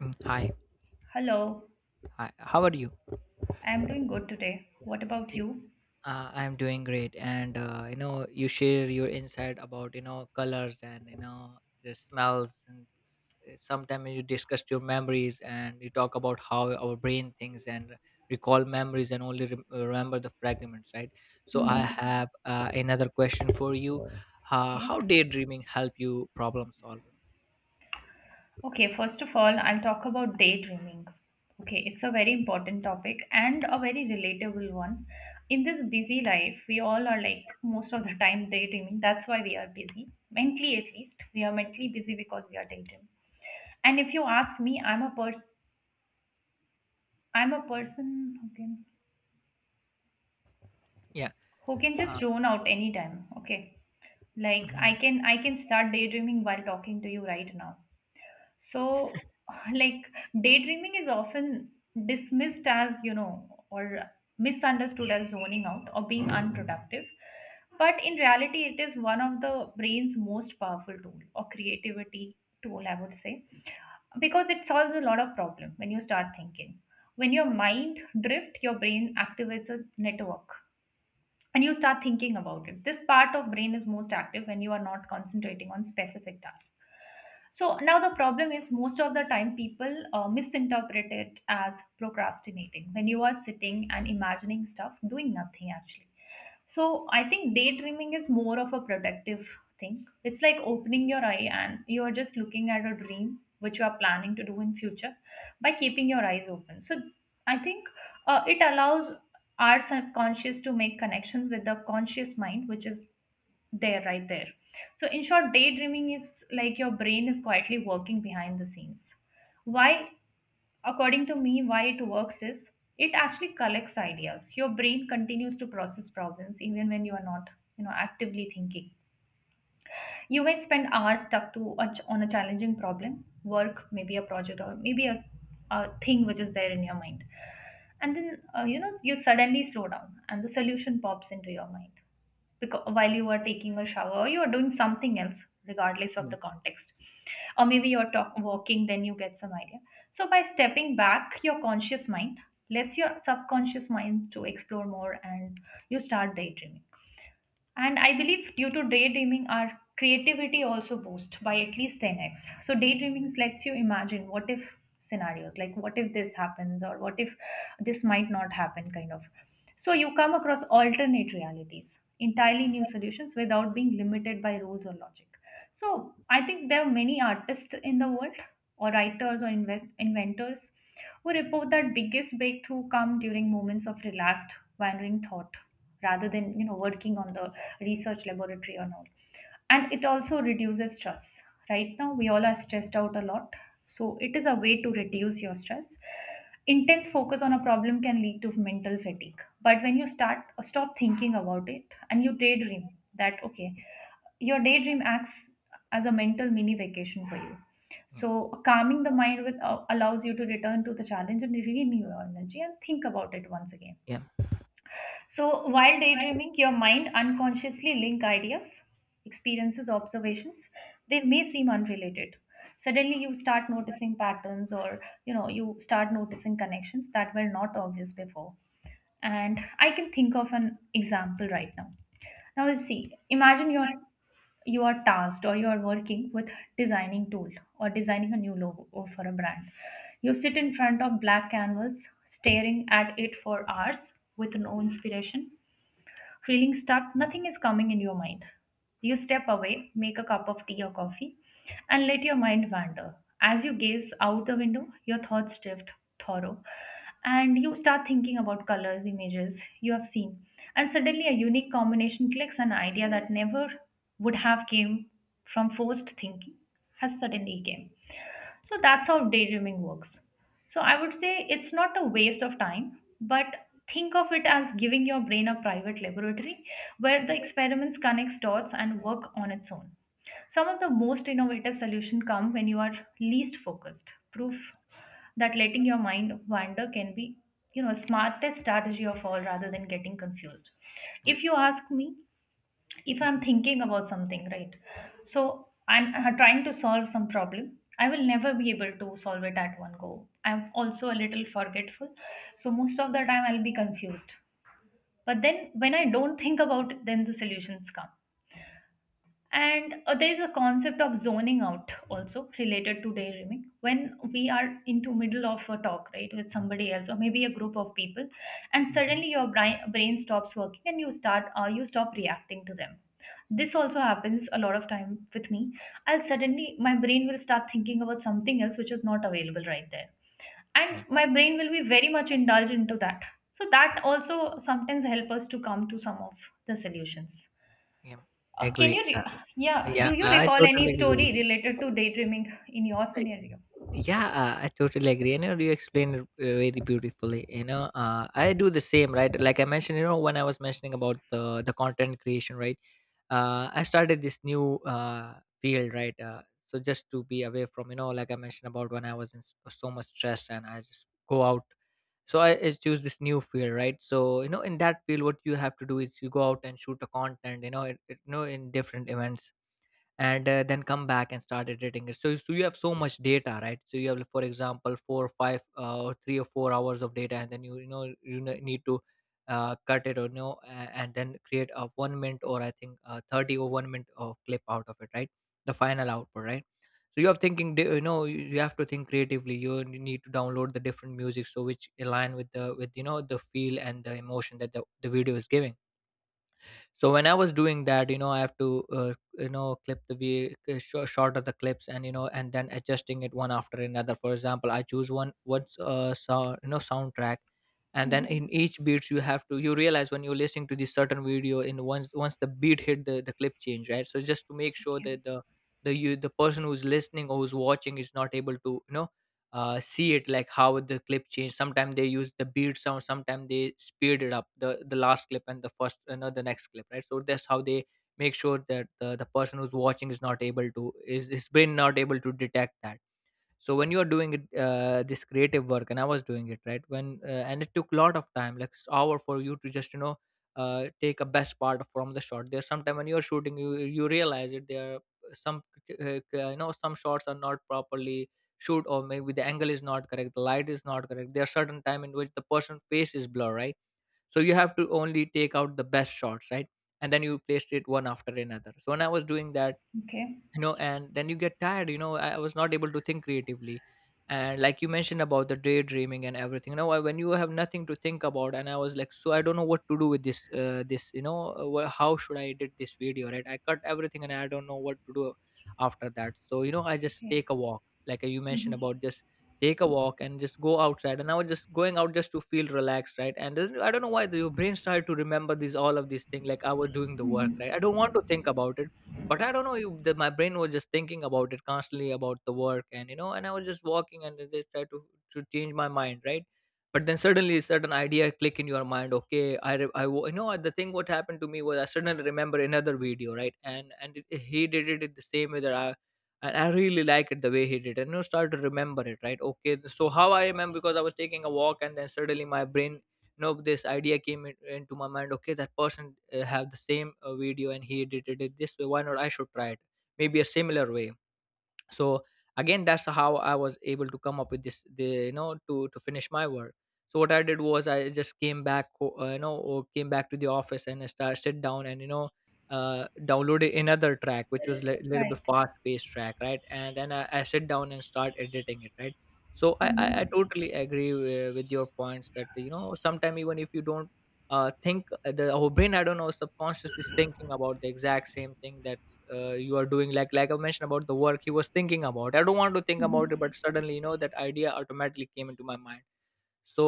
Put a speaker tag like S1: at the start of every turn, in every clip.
S1: Mm, Hi,
S2: Hello,
S1: hi. How are you?
S2: I'm doing good today. What about
S1: Hey,
S2: you?
S1: I'm doing great, and you share your insight about colors and the smells, and sometimes you discuss your memories and you talk about how our brain thinks and recall memories and only remember the fragments, right? So I
S2: Mm-hmm.
S1: have another question for you. Uh,
S2: Okay.
S1: how daydreaming help you problem solving?
S2: Okay, first of all, I'll talk about daydreaming. Okay,
S1: Yeah.
S2: it's a very important topic and a very relatable one. In this busy life, we all are like most of the time daydreaming. That's why we are busy. Mentally, at least, we are mentally busy because we are daydreaming. And if you ask me, I'm a person
S1: Yeah.
S2: who can
S1: Uh,
S2: just zone out anytime. Okay. Like I
S1: mhm,
S2: can I can start daydreaming while talking to you right now. So, like, daydreaming is often dismissed as, you know, or misunderstood as zoning out or being unproductive. But in reality, it is one of the brain's most powerful tool or creativity tool, I would say, because it solves a lot of problem when you start thinking. When your mind drift, your brain activates a network and you start thinking about it. This part of brain is most active when you are not concentrating on specific tasks. So now the problem is most of the time people misinterpret it as procrastinating when you are sitting and imagining stuff doing nothing actually. So I think daydreaming is more of a productive thing. It's like opening your eye and you are just looking at a dream which you are planning to do in future by keeping your eyes open. So I think it allows our subconscious to make connections with the conscious mind which is there right there. So in short, daydreaming is like your brain is quietly working behind the scenes. Why, according to me, why it works is it actually collects ideas. Your brain continues to process problems even when you are not, you know, actively thinking. You may spend hours stuck to a on a challenging problem work, maybe a project or maybe a thing which is there in your mind, and then you know, you suddenly slow down and the solution pops into your mind because while you are taking a shower or you are doing something else regardless of
S1: yeah.
S2: the context, or maybe you're walking, then you get some idea. So by stepping back, your conscious mind lets your subconscious mind to explore more and you start daydreaming. And I believe due to daydreaming, our creativity also boosts by at least 10x. So daydreaming lets you imagine what if scenarios, like what if this happens or what if this might not happen, kind of. So
S1: Yeah.
S2: you come across alternate realities, entirely new solutions without being limited by rules or logic. So I think there are many artists in the world or writers or inventors who report that biggest breakthrough come during moments of relaxed, wandering thought rather than, you know, working on the research laboratory and all. And it also reduces stress. Right now, we all are stressed out a lot. So, it is a way to reduce your stress. Intense focus on a problem can lead to mental fatigue. But when you start stop thinking about it and you daydream, that okay, your daydream acts as a mental mini vacation for you.
S1: Yeah.
S2: So calming the mind with allows you to return to the challenge and renew your energy and think about it once again.
S1: Yeah.
S2: So, while daydreaming, your mind unconsciously link ideas, experiences, observations. They may seem unrelated. Suddenly, you start noticing patterns, or you know, you start noticing connections that were not obvious before. And I can think of an example right now. Now, you see, imagine you are tasked or you are working with designing tool or designing a new logo for a brand. You sit in front of black canvas staring at it for hours with no inspiration, feeling stuck, nothing is coming in your mind. You step away, make a cup of tea or coffee, and let your mind wander. As you gaze out the window, your thoughts drift thorough, and you start thinking about colors, images you have seen, and suddenly a unique combination clicks. An idea that never would have came from forced thinking has suddenly came. So that's how daydreaming works. So I would say it's not a waste of time, but think of it as giving your brain a private laboratory where
S1: Mm,
S2: the experiments connects dots and work on its own. Some of the most innovative solutions come when you are least focused. Proof that letting your mind wander can be, you know, smartest strategy of all rather than getting confused.
S1: yeah,
S2: If you ask me, if I'm
S1: mhm,
S2: thinking about something right, so I'm trying to solve some problem, I will never be able to solve it at one go. I'm also a little forgetful, so most of the time I'll be confused, but then when I don't think about it, then the solutions come. And there is a concept of zoning out also related to daydreaming. When we are into middle of a talk, right, with somebody else or maybe a group of people, and
S1: mhm. Mhm.
S2: suddenly your brain stops working and you start you stop reacting to them. This also happens a lot of time with me. I'll suddenly my brain will start thinking about something else which is not available right there, and
S1: Yeah,
S2: my brain will be very much indulged into that. So that also sometimes help us to come to some of the solutions.
S1: yeah,
S2: uh, can
S1: agree.
S2: you,
S1: Uh,
S2: re- yeah,
S1: yeah,
S2: do you
S1: I
S2: recall any
S1: totally
S2: story
S1: agree.
S2: related to daydreaming in your
S1: I,
S2: scenario?
S1: yeah, I totally agree. You explained it very beautifully. I do the same, right? Like I mentioned, when I was mentioning about the content creation, right? I started this new field, right? So just to be away from, like I mentioned about when I was in so much stress, and I just go out. So I choose this new field, right? So in that field, what you have to do is you go out and shoot a content, in different events, and then come back and start editing it. So, you have so much data, right? So you have, for example, four, or five, or 3 or 4 hours of data, and then you need to cut it. Or no, and then create a 1 minute, or I think 30 or 1 minute of clip out of it, right? The final output, right? So you have thinking, you have to think creatively. You need to download the different music, so which align with the with you know the feel and the emotion that the video is giving. So when I was doing that, I have to, clip shorter the clips, and and then adjusting it one after another. For example, I choose one what's so, you know soundtrack, and then
S2: Mm-hmm.
S1: in each beats, you have to, you realize, when you're listening to this certain video, in once the beat hit, the clip change, right? So just to make sure
S2: Yeah.
S1: that the person who's listening or who's watching is not able to, see it, like how the clip changed. Sometimes they use the beat sound, sometimes they speed it up, the last clip, and the first, the next clip, right? So that's how they make sure that the person who's watching is not able to, is his brain not able to detect that. So when you are doing it, this creative work, and I was doing it, right? When uh, and it took a lot of time, like hour for you to just, take a best part from the shot. There's sometime when you're shooting, you realize it, there are some, some shots are not properly shoot, or maybe the angle is not correct, the light is not correct, there are certain time in which the person face is blur, right? So you have to only take out the best shots, right, and then you placed it one after another. So when I was doing that,
S2: Okay.
S1: and then you get tired, I was not able to think creatively. And like you mentioned about the daydreaming and everything, when you have nothing to think about, and I was like, so I don't know what to do with this this you know wh- how should I edit this video, right? I cut everything and I don't know what to do after that. So I just
S2: Okay.
S1: take a walk, like you mentioned
S2: Mm-hmm.
S1: about just take a walk and just go outside, and I was just going out just to feel relaxed, right? And then I don't know why your brain started to remember these all of these things, like I was doing the work, right?
S2: Mm-hmm.
S1: I don't want to think about it, but I don't know if my brain was just thinking about it constantly about the work, and and I was just walking and then just try to change my mind, right? But then suddenly a certain idea click in your mind. Okay, I re- I wa- you know the thing what happened to me was, I suddenly remember another video, right. And he did it in the same way that I and I really like it the way he did, and, start to remember it, right? Okay, so how I remember, because I was taking a walk, and then suddenly my brain, nope, this idea came into my mind. Okay, that person have the same video, and he edited it this way. Why not, I should try it, maybe a similar way. So again, that's how I was able to come up with this, the you know to finish my work. So what I did was I just came back, ho- you know or came back to the office, and I started sit down and, downloaded another track which was a little bit
S2: Right.
S1: fast paced track, right, and then I sit down and start editing it, right. So I
S2: Mm-hmm.
S1: totally agree with your points that, sometimes, even if you don't think, the our brain, I don't know, subconsciously is thinking about the exact same thing that you are doing, like I mentioned about the work. He was thinking about, I don't want to think about it, but suddenly, that idea automatically came into my mind. So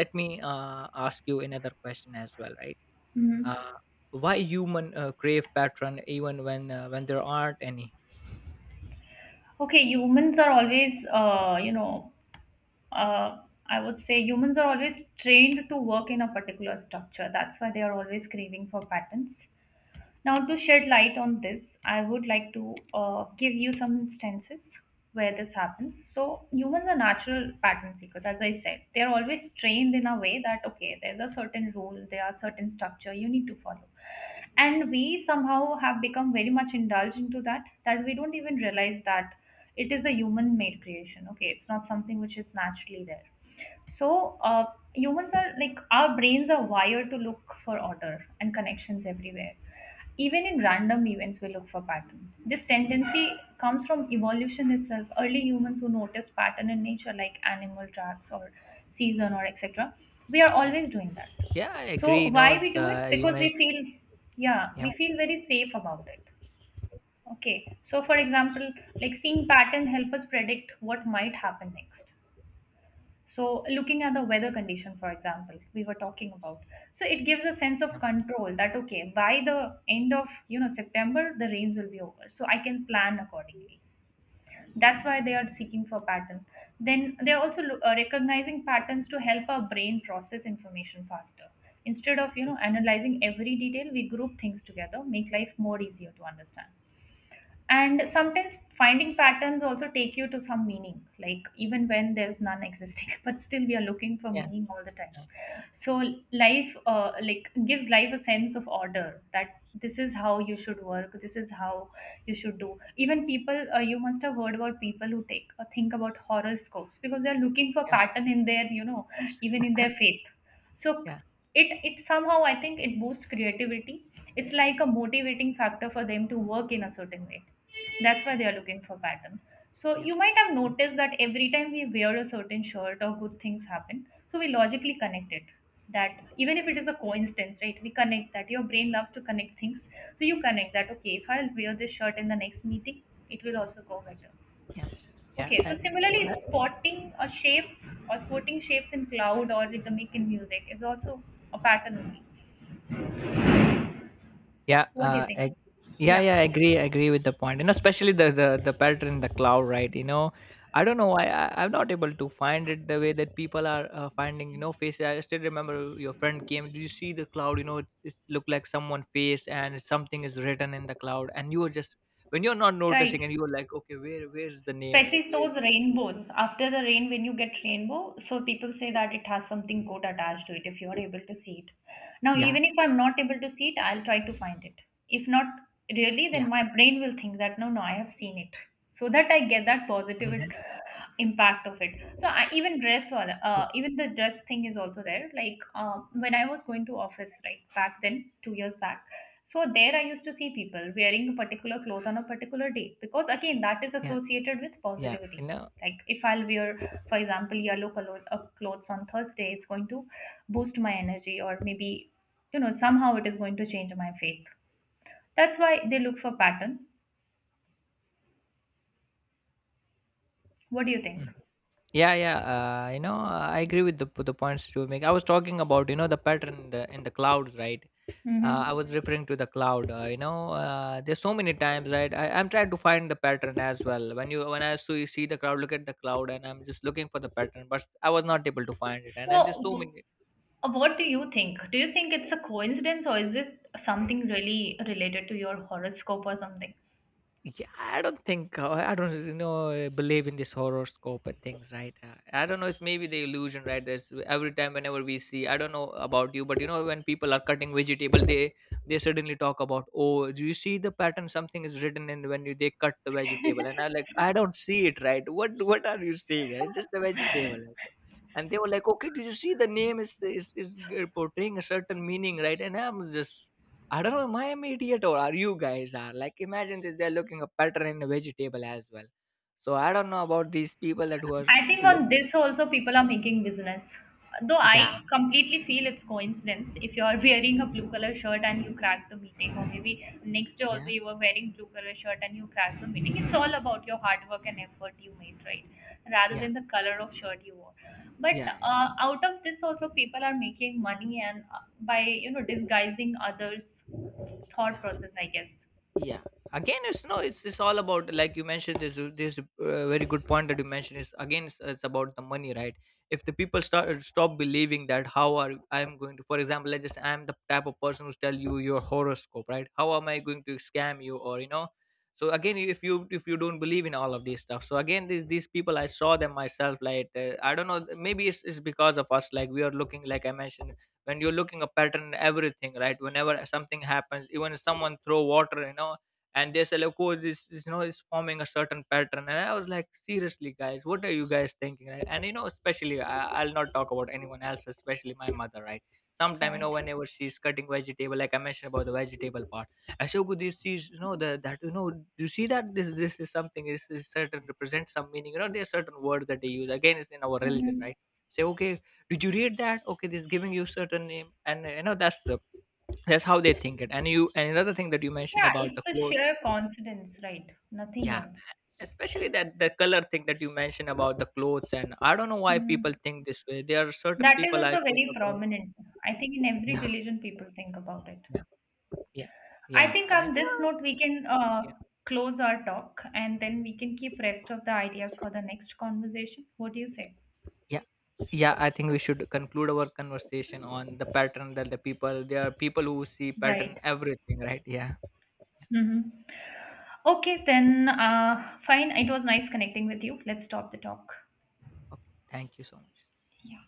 S1: let me ask you another question as well, right?
S2: Mm-hmm.
S1: Uh, why human crave pattern even when, when there aren't any?
S2: Okay. Humans are always, uh, I would say humans are always trained to work in a particular structure. That's why they are always craving for patterns. Now, to shed light on this, I would like to give you some instances where this happens. So, humans are natural pattern seekers, as I said. They are always trained in a way that, okay, there's a certain rule, there are certain structure you need to follow. And we somehow have become very much indulged into that, that we don't even realize that it is a human made creation. Okay, it's not something which is naturally there. So, humans are like our brains are wired to look for order and connections everywhere. Even in random events, we look for pattern. This tendency comes from evolution itself. Early humans who noticed pattern in nature, like animal tracks or season or etc., we are
S1: Yeah,
S2: always doing that.
S1: yeah, I agree,
S2: So why we do it?
S1: the you
S2: Because we
S1: mentioned.
S2: feel, yeah,
S1: Yeah,
S2: we feel very safe about it. Okay. So for example, like seeing pattern help us predict what might happen next. So, looking at the weather condition, for example, we were talking about. So, it gives a sense of
S1: yeah,
S2: control that okay, by the end of, you know, September, the rains will be over, so I can plan accordingly. That's why they are seeking for pattern. Then they are also recognizing patterns to help our brain process information faster. Instead of, you know, analyzing every detail, we group things together, make life more easier to understand. And sometimes finding patterns also take you to some meaning, like even when there's none existing, but still we are looking for
S1: yeah,
S2: meaning all the time. So life like gives life a sense of order, that this is how you should work, this is how you should do. Even people you must have heard about people who take think about horoscopes because they are looking for
S1: yeah,
S2: pattern in their, you know, even in their faith. So
S1: yeah, yeah, yeah,
S2: it somehow I think it boosts creativity. It's like a motivating factor for them to work in a certain way. That's why they are looking for pattern. So
S1: yeah,
S2: you might have noticed that every time we wear a certain shirt or good things happen. So we logically connect it, that even if it is a coincidence, right, we connect that. Your brain loves to connect things, so you connect that okay, if I'll wear this shirt in the next meeting, it will also go better.
S1: yeah, yeah,
S2: Okay, so
S1: yeah.
S2: similarly, spotting a shape or spotting shapes in cloud or rhythmic in music is also a pattern only.
S1: Yeah,
S2: What do you think?
S1: yeah,
S2: Yeah.
S1: yeah. I agree. I agree with the point. You know, especially the pattern in the cloud, right? You know, I don't know why I'm not able to find it the way that people are finding. You know, face. I still remember your friend came. Did you see the cloud? You know, it's, it looked like someone face and something is written in the cloud, and you were just when you're not
S2: Right.
S1: noticing, and you were like, okay, where, where's the name, right?
S2: Especially
S1: Where?
S2: those rainbows. After the rain, when you get rainbow, so people say that it has something code attached to it if you're able to see it. Now,
S1: Yeah,
S2: even if I'm not able to see it, I'll try to find it. If not really,
S1: yeah,
S2: then my brain will think that no, no, I have seen it. So that I get that positive
S1: mhm,
S2: impact of it. So I even dress,
S1: yeah,
S2: even the dress thing is also there. Like when I was going to office, right back then, 2 years back, so there I used to see people wearing a particular cloth on a particular day because again that is
S1: yeah,
S2: associated with
S1: yeah.
S2: positivity.
S1: You know.
S2: Like if I'll wear, for example, yellow color clothes on Thursday, it's going to boost my energy or maybe, you know, somehow it is going to change my faith. That's why they look for pattern. What do you think?
S1: Yeah, yeah. I agree with the points you make. I was talking about, the pattern in the clouds, right? I
S2: Mm-hmm.
S1: was referring to the cloud. There's so many times, right? I'm trying to find the pattern as well. When you, when I see the cloud, look at the cloud, and I'm just looking for the pattern, but I was not able to find it. And there's
S2: So,
S1: so many.
S2: what do you think? Do you think it's a coincidence or is this something really related to your horoscope or something?
S1: Yeah, I don't think, I don't, believe in this horoscope and things, right? I don't know, it's maybe the illusion, right? There's every time whenever we see, I don't know about you, but, when people are cutting vegetable, they suddenly talk about, oh, do you see the pattern? Something is written in when you, they cut the vegetable, and I'm like, I don't see it, right? What are you seeing? It's just a vegetable. And they were like, okay, did you see the name is, portraying a certain meaning, right? And I'm just, I don't know, am I am idiot, or are you guys are? Like, imagine this, they're looking a pattern in a vegetable as well. So I don't know about these people that who are
S2: I think
S1: look.
S2: on this also people are making business. Though
S1: Yeah,
S2: I completely feel it's coincidence. If you're wearing a blue color shirt and you crack the meeting, or maybe next day also
S1: yeah,
S2: you were wearing blue color shirt and you crack the meeting, it's all about your hard work and effort you made, right? Rather
S1: yeah,
S2: than the color of shirt you wore. But
S1: yeah, yeah,
S2: out of this also people are making money and by, you know, disguising others' thought
S1: yeah.
S2: process, I guess.
S1: Yeah, again, it's no, it's all about, like you mentioned this, this very good point that you mentioned, is again it's about the money, right? If the people start stop believing that, how are I'm going to, for example, let's just, I'm the type of person who's tell you your horoscope, right, how am I going to scam you, or so again, if you, if you don't believe in all of this stuff, so again these people, I saw them myself, like I don't know, maybe it's because of us, like we are looking, like I mentioned, when you're looking a pattern in everything, right? Whenever something happens, even if someone throw water, and they say, like, oh, this is, is forming a certain pattern, and I was like, seriously guys, what are you guys thinking, right? And especially I'll not talk about anyone else, especially my mother, right. Sometime,
S2: Right.
S1: whenever she's cutting vegetable, like I mentioned about the vegetable part, I say, "Good, this is, that do you see that, this is something is certain represents some meaning, there's certain words that they use, again it's in our religion,
S2: Hmm.
S1: right, say, okay, did you read that, okay this is giving you certain name, and, that's the, that's how they think it. And you, and another thing that you mentioned
S2: Yeah,
S1: about the
S2: it's a
S1: clothes.
S2: sheer coincidence, right? Nothing
S1: Yeah,
S2: else.
S1: especially that the color thing that you mentioned about the clothes. And I don't know why people
S2: Mm,
S1: think this way, there are certain
S2: that is
S1: people I
S2: also
S1: came
S2: very
S1: across.
S2: prominent. I think in every
S1: Yeah,
S2: religion, people think about it.
S1: yeah, yeah,
S2: I
S1: yeah,
S2: think on
S1: and,
S2: this note, we can
S1: yeah,
S2: close our talk and then we can keep rest of the ideas for the next conversation. What do you say?
S1: yeah, yeah, I think we should conclude our conversation on the pattern, that the people, there are people who see pattern
S2: Right.
S1: everything, right? Yeah.
S2: Mm-hmm. Okay, then fine. It was nice connecting with you. Let's stop the talk.
S1: Okay, thank you so much.
S2: Yeah.